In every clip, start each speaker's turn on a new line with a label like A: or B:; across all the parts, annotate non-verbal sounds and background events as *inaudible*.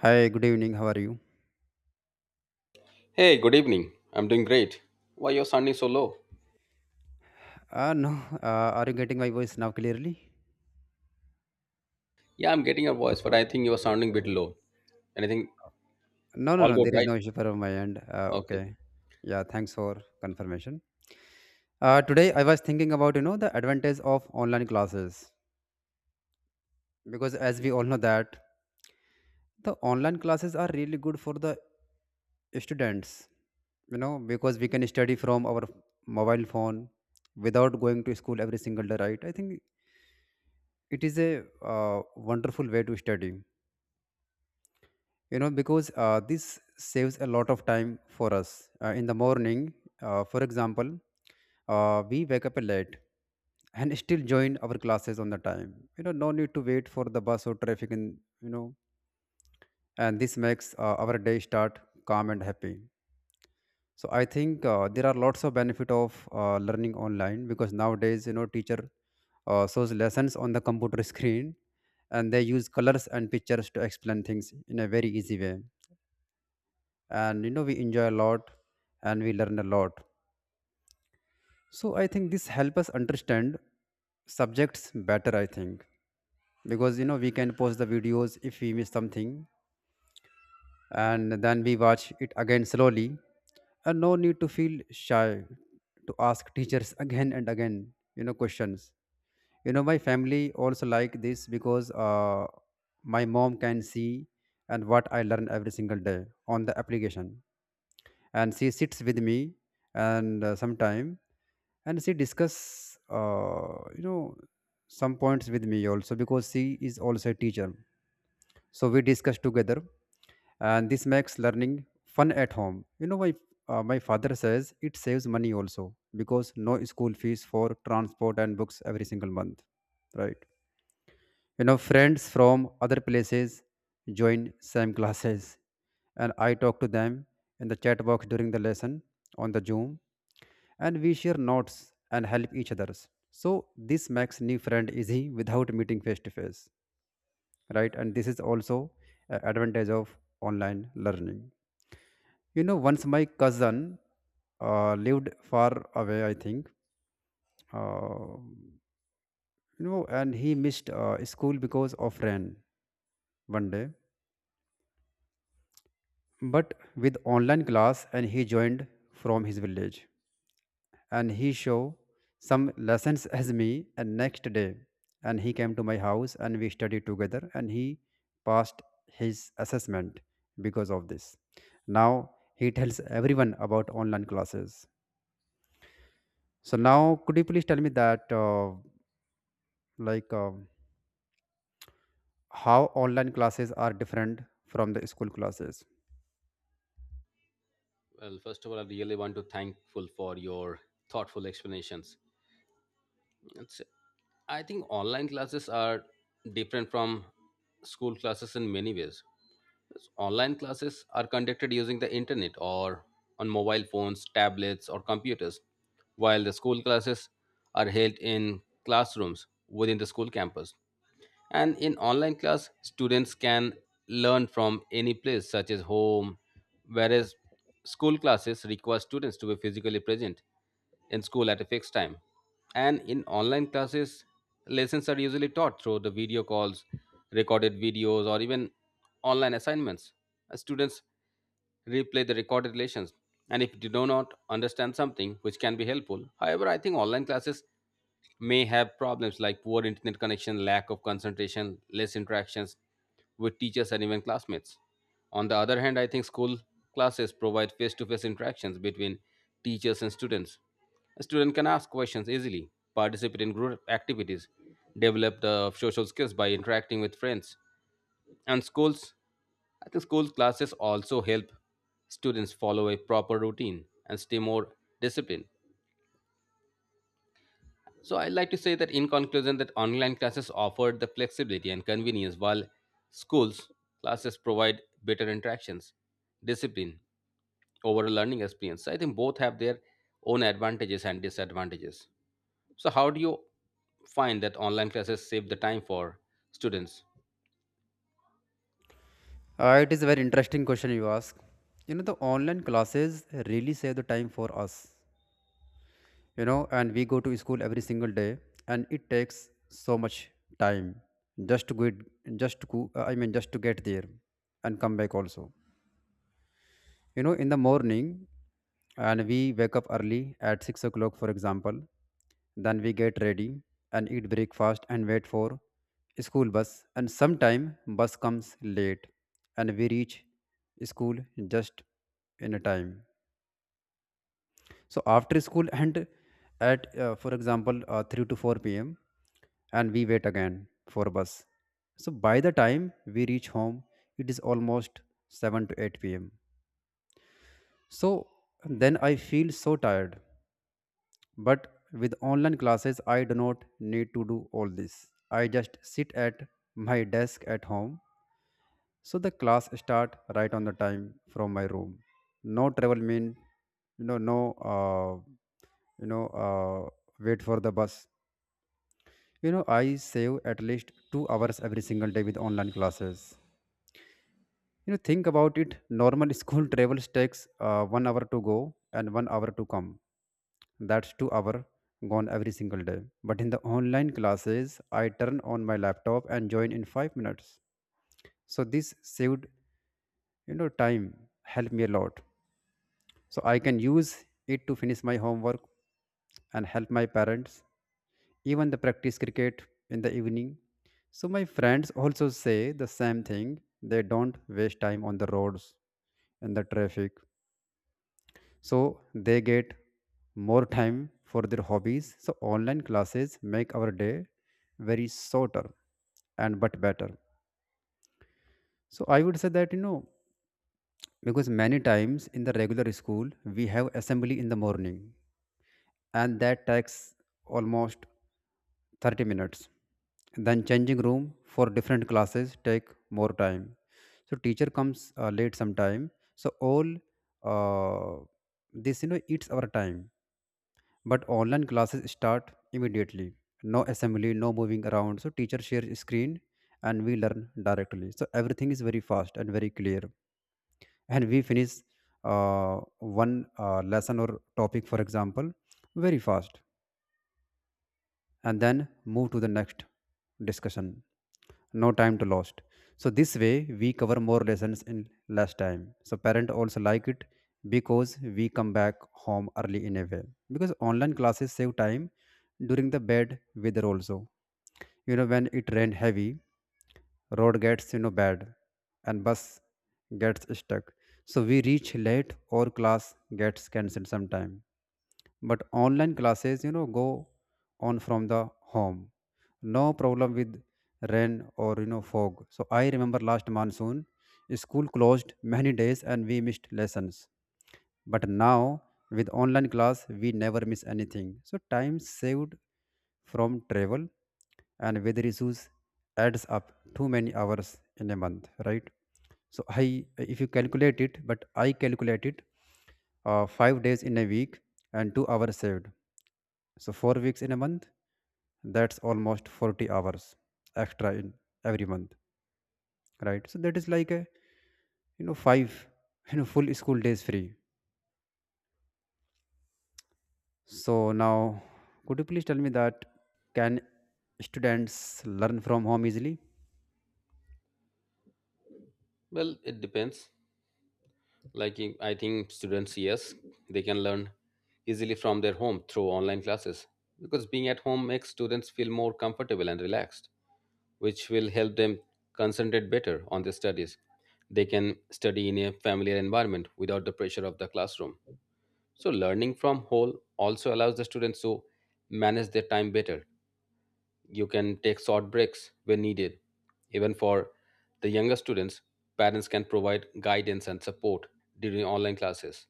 A: Hi, good evening. How are you?
B: Hey, good evening. I'm doing great. Why you're sounding so low?
A: No, *laughs* are you getting my voice now clearly?
B: Yeah, I'm getting your voice, but I think you're sounding a bit low. Anything?
A: No, no,
B: All
A: no,
B: good,
A: there is
B: right?
A: no issue from my end.
B: Okay.
A: Okay. Yeah, thanks for confirmation. Today I was thinking about, the advantage of online classes because as we all know that the online classes are really good for the students, because we can study from our mobile phone without going to school every single day, right? I think it is a wonderful way to study, because this saves a lot of time for us in the morning. For example, we wake up late and *laughs* still join our classes on the time. No need to wait for the bus or traffic. And you know And this makes our day start calm and happy. So I think there are lots of benefit of learning online, because nowadays, you know, teacher shows lessons on the computer *laughs* screen, and they use colors and pictures to explain things in a very easy way. And you know, we enjoy a lot and we learn a lot. So I think this help us understand subjects better, I think, because you know, we can pause the videos if we miss something, and then we watch it again slowly, and no need to feel shy to ask teachers *laughs* again and again, you know, questions. You know, my family also like this, because my mom can see and what I learn every single day on the application, and she sits with me, and sometime, and she discuss you know, some points with me also, because she is also a teacher. So we discuss together, and this makes learning fun at home. You know, my my father says it saves money also, because no school fees for transport and books every single month, right? You know, friends from other places join same classes, and I talk to them in the chat box during the lesson on the Zoom, and we share notes and help each others. So this makes new friend easy without meeting face to face, right? And this is also a advantage of online learning. You know, once my cousin lived far away, I think, uh, and he missed school because of rain 1 day. But with online class, and he joined from his village, and he show some lessons as me, and next day, and he came to my house, and we studied together, and he passed his assessment because of this. Now he tells everyone about online classes. So now, could you please tell me that like uh, how online classes are different from the school classes?
B: Well, first of all, I really want to thankful for your thoughtful explanations. It's, I think online classes are different from school classes in many ways. Because online classes are conducted using the internet or on mobile phones, tablets, or computers, while the school classes are held in classrooms within the school campus. And in online class, students can learn from any place, such as home, whereas school classes require students to be physically present in school at a fixed time. And in online classes, lessons are usually taught through the video calls, recorded videos, or even online assignments. Students replay the recorded lessons, and if you do not understand something which can be helpful. However, I think online classes may have problems like poor internet connection, lack of concentration, less interactions with teachers and even classmates. On the other hand, I think school classes provide face to face interactions between teachers and students. A student can ask questions easily, participate in group activities, develop the social skills by interacting with friends, and schools, I think school classes also help students follow a proper routine and stay more disciplined. So I'd like to say that in conclusion that online classes offer the flexibility and convenience while schools classes provide better interactions, discipline, overall learning experience. So I think both have their own advantages and disadvantages. So how do you find that online classes save the time for students?
A: It is a very interesting question you ask. You know, the online classes really save the time for us. You know, and we go to school every single day, and it takes so much time just to get I mean, just to get there and come back also. You know, in the morning, and we wake up early at 6 o'clock, for example. Then we get ready and eat breakfast and wait for school bus, and sometime bus comes late, and we reach school just in a time. So after school, and at for example, 3 to 4 p.m., and we wait again for bus. So by the time we reach home, it is almost 7 to 8 p.m. So then I feel so tired. But with online classes, I do not need to do all this. I just sit at my desk at home. So the class start right on the time from my room. No travel mean, no, you know, uh, wait for the bus. You know, I save at least 2 hours every single day with online classes. You know, think about it. Normal school *laughs* travels takes 1 hour to go and 1 hour to come. That's 2 hour gone every single day. But in the online classes, I turn on my laptop and join in 5 minutes. So this saved, you know, time helped me a lot, so I can use it to finish my homework and help my parents, even the practice cricket in the evening. So my friends also say the same thing. They don't waste time on the roads and the traffic, so they get more time for their hobbies. So online classes make our day very shorter and but better. So I would say that, you know, because many times in the regular school we have assembly in the morning, and that takes almost 30 minutes. Then changing room for different classes take more time. So teacher comes late sometime. So all uh, this, you know, eats our time. But online classes start immediately. No assembly, no moving around. So teacher shares screen and we learn directly. So everything is very fast and very clear. And we finish one lesson or topic, for example, very fast, and then move to the next discussion. No time to lost. So this way we cover more lessons in less time. So parent also like it, because we come back home early in a way. Because online classes save time during the bad weather also. You know, when it rained heavy, road gets, you know, bad, and bus gets stuck. So we reach late or class gets cancelled sometime. But online classes, you know, go on from the home. No problem with rain or, you know, fog. So I remember last monsoon school closed many days and we missed lessons. But now with online class, we never miss anything. So time saved from travel and weather issues adds up too many hours in a month, right? If you calculate it, but I calculate it, 5 days in a week and 2 hours saved. So 4 weeks in a month, that's almost 40 hours extra in every month, right? So that is like a, you know, five *laughs* you know, full school days free. So now, could you please tell me that can students learn from home easily?
B: Well, it depends. I think students, yes, they can learn easily from their home through online classes because being at home makes students feel more comfortable and relaxed, which will help them concentrate better on their studies. They can study in a familiar environment without the pressure of the classroom. So learning from home also allows the students to manage their time better, you can take short breaks when needed. Even for the younger students, parents can provide guidance and support during online classes,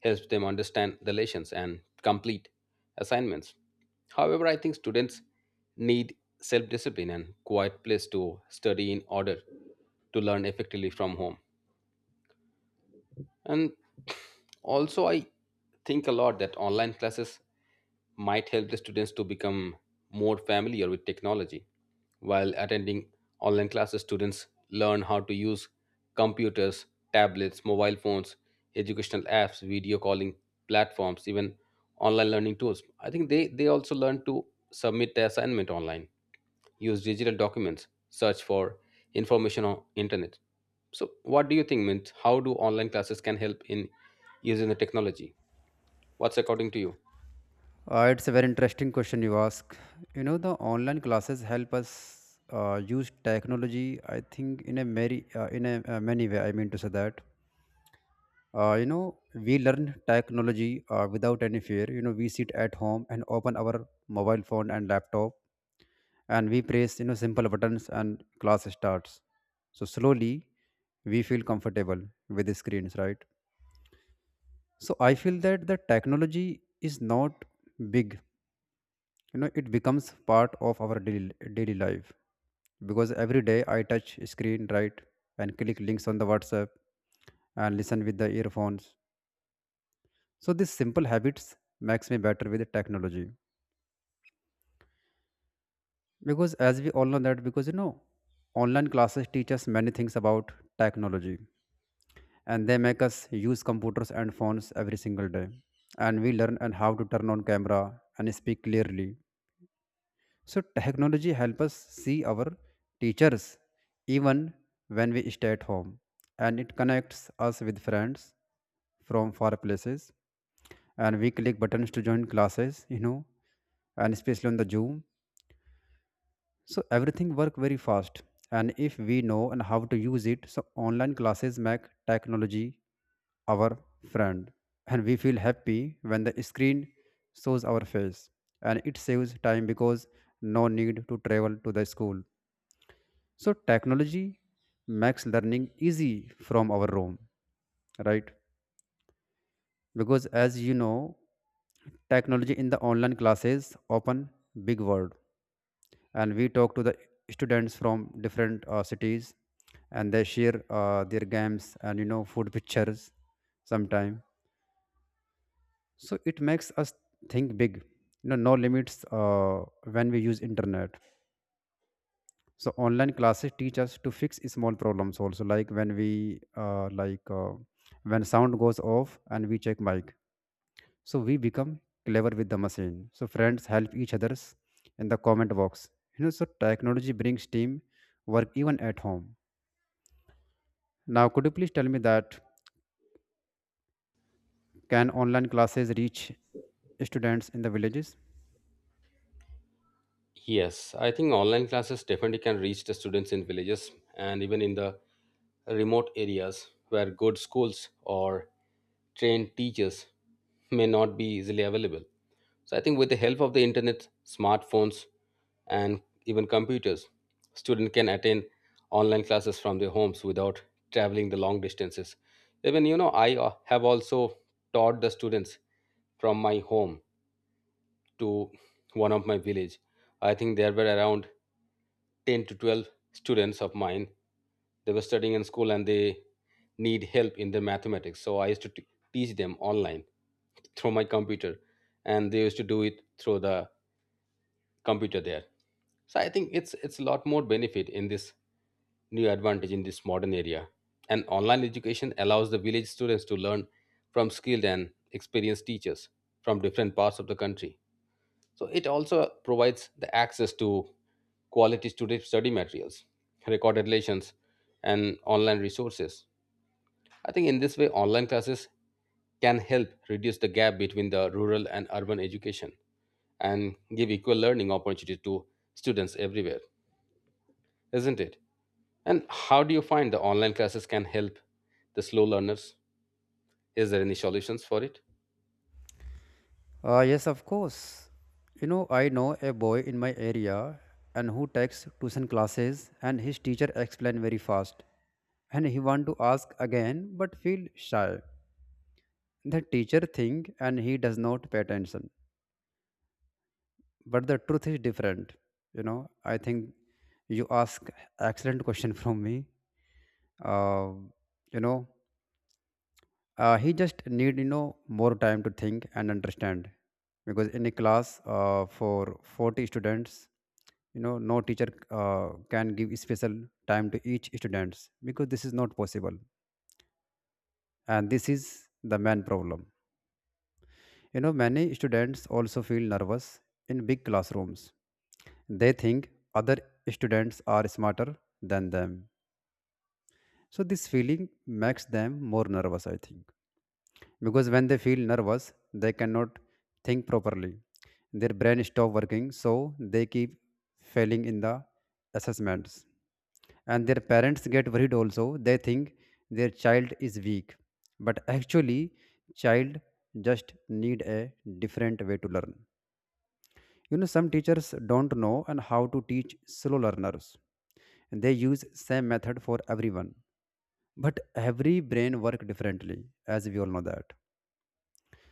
B: helps them understand the lessons and complete assignments. However, I think students need self discipline and quiet place to study in order to learn effectively from home. And also, I think a lot that online classes might help the students to become more familiar with technology. While attending online classes, students learn how to use computers, tablets, mobile phones, educational apps, video calling platforms, even online learning tools. I think they also learn to submit their assignment online, use digital documents, search for information on internet. So, what do you think, Mint? How do online classes can help in using the technology? What's according to you?
A: It's a very interesting question you ask. You know, the online classes help us use technology, I think, in a very in a many way. I mean to say that. You know, we learn technology without any fear. You know, we sit at home and open our mobile phone and laptop, and we press, you know, simple buttons and class starts. So slowly we feel comfortable with the screens, right? So I feel that the technology is not big. You know, it becomes part of our daily life, because every day I touch screen, right, and click links on the WhatsApp and listen with the earphones. So these simple habits makes me better with the technology, because as we all know that, because you know, online classes teach us many things about technology, and they make us use computers and phones every single day, and we learn and how to turn on camera and speak clearly. So technology helps us see our teachers even when we stay at home, and it connects us with friends from far places, and we click buttons to join classes, you know, and especially on the Zoom. So everything work very fast, and if we know and how to use it, so online classes make technology our friend, and we feel happy when the screen shows our face, and it saves time because no need to travel to the school. So technology makes learning easy from our room, right? Because as you know, technology in the online classes open big world, and we talk to the students from different cities, and they share their games and, you know, food pictures sometime. So it makes us think big. You know, no limits when we use internet. So online classes teach us to fix small problems also, like when we when sound goes off and we check mic. So we become clever with the machine. So friends help each others in the comment box, you know. So technology brings team work even at home. Now, could you please tell me that can online classes reach students in the villages?
B: Yes, I think online classes definitely can reach the students in villages and even in the remote areas where good schools or trained teachers may not be easily available. So I think with the help of the internet, smartphones, and even computers, students can attend online classes from their homes without traveling the long distances. Even you know, I have also taught the students from my home to one of my village. I think there were around 10 to 12 students of mine. They were studying in school and they need help in their mathematics. So I used teach them online through my computer and they used to do it through the computer there. So I think it's a lot more benefit in this new advantage in this modern area. And online education allows the village students to learn from skilled and experienced teachers from different parts of the country. So it also provides the access to quality study materials, recorded lessons, and online resources. I think in this way, online classes can help reduce the gap between the rural and urban education and give equal learning opportunities to students everywhere, isn't it? And how do you find the online classes can help the slow learners? Is there any solutions for it?
A: Yes, of course. You know, I know a boy in my area and who takes tuition classes, and his teacher explain very fast, and he want to ask again but feel shy. The teacher think and he does not pay attention. But the truth is different. You know, I think you ask excellent question from me. Uh, you know, he just need, you know, more time to think and understand, because in a class for 40 students, you know, no teacher can give special time to each students, because this is not possible, and this is the main problem. You know, many students also feel nervous in big classrooms. They think other students are smarter than them. So this feeling makes them more nervous, I think, because when they feel nervous they cannot think properly. Their brain stop working, so they keep failing in the assessments, and their parents get worried also. They think their child is weak, but actually child just need a different way to learn. You know, some teachers don't know and how to teach slow learners. They use same method for everyone, but every brain work differently, as we all know that.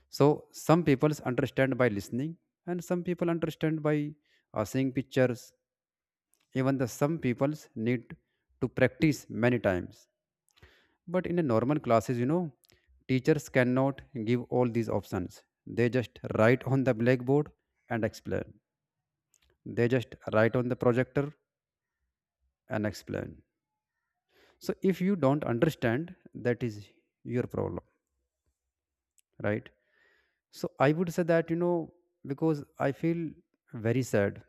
A: So some people understand by listening, and some people understand by seeing pictures. Even the some peoples need to practice many times. But in a normal classes, you know, teachers cannot give all these options. They just write on the blackboard and explain. They just write on the projector and explain. So if you don't understand, that is your problem, right? So I would say that, you know, because I feel very sad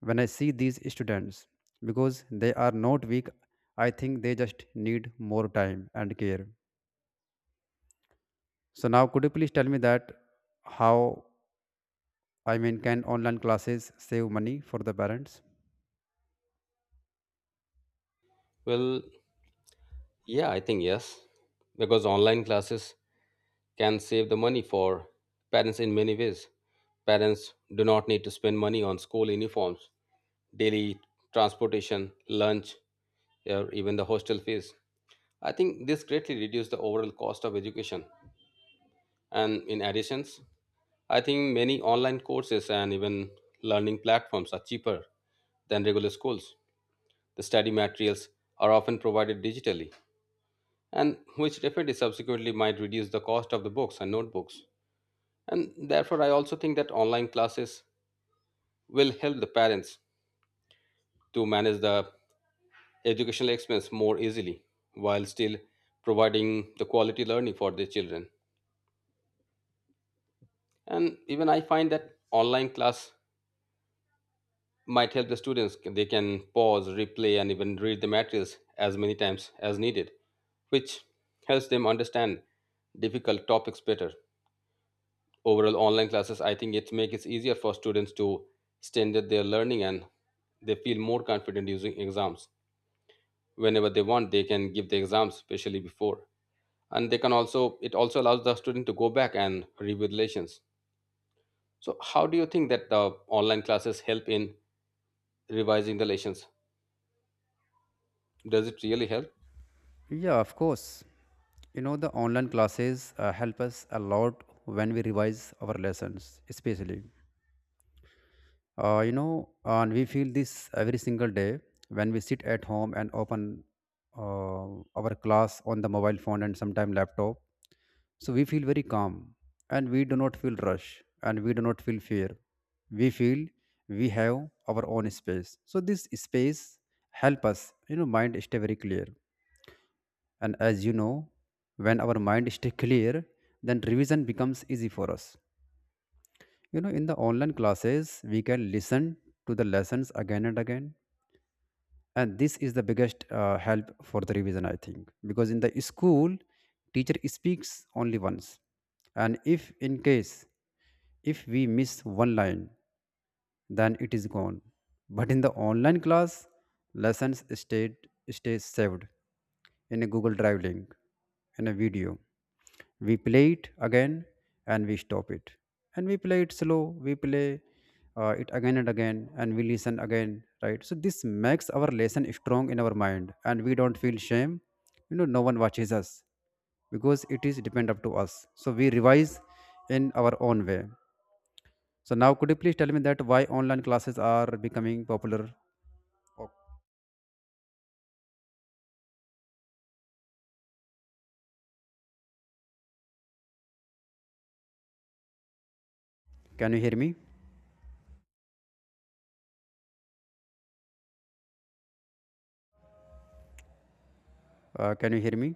A: when I see these students, because they are not weak. I think they just need more time and care. So now, could you please tell me that how, I mean, can online classes save money for the parents?
B: Well, yeah, I think yes, because online classes can save the money for parents in many ways. Parents do not need to spend money on school uniforms, daily transportation, lunch, or even the hostel fees. I think this greatly reduces the overall cost of education. And in addition, I think many online courses and even learning platforms are cheaper than regular schools. The study materials are often provided digitally, and which definitely subsequently might reduce the cost of the books and notebooks. And therefore, I also think that online classes will help the parents to manage the educational expense more easily while still providing the quality learning for their children. And even I find that online class might help the students. They can pause, replay, and even read the materials as many times as needed, which helps them understand difficult topics better. Overall, online classes, I think, it make it easier for students to standard their learning and they feel more confident using exams, whenever they want they can give the exams especially before, and they can also, it also allows the student to go back and review the lessons. So how do you think that the online classes help in revising the lessons? Does it really help?
A: Yeah, of course. You know, the online classes help us a lot when we revise our lessons, especially. You know, and we feel this every single day when we sit at home and open uh, our class on the mobile phone and sometime laptop. So we feel very calm, and we do not feel rush, and we do not feel fear. We feel we have our own space. So this space help us, you know, mind stay very clear. And as you know, when our mind stay clear, then revision becomes easy for us. You know, in the online classes, we can listen to the lessons again and again, and this is the biggest help for the revision, I think, because in the school teacher speaks only once, and if in case if we miss one line, then it is gone. But in the online class, lessons stay saved in a Google Drive link, in a video. We play it again and we stop it. And we play it slow, we play it again and again, and we listen again, right? So this makes our lesson strong in our mind, and we don't feel shame. You know, no one watches us, because it is depend up to us. So we revise in our own way. So now, could you please tell me that why online classes are becoming popular? Oh, can you hear me? Can you hear me?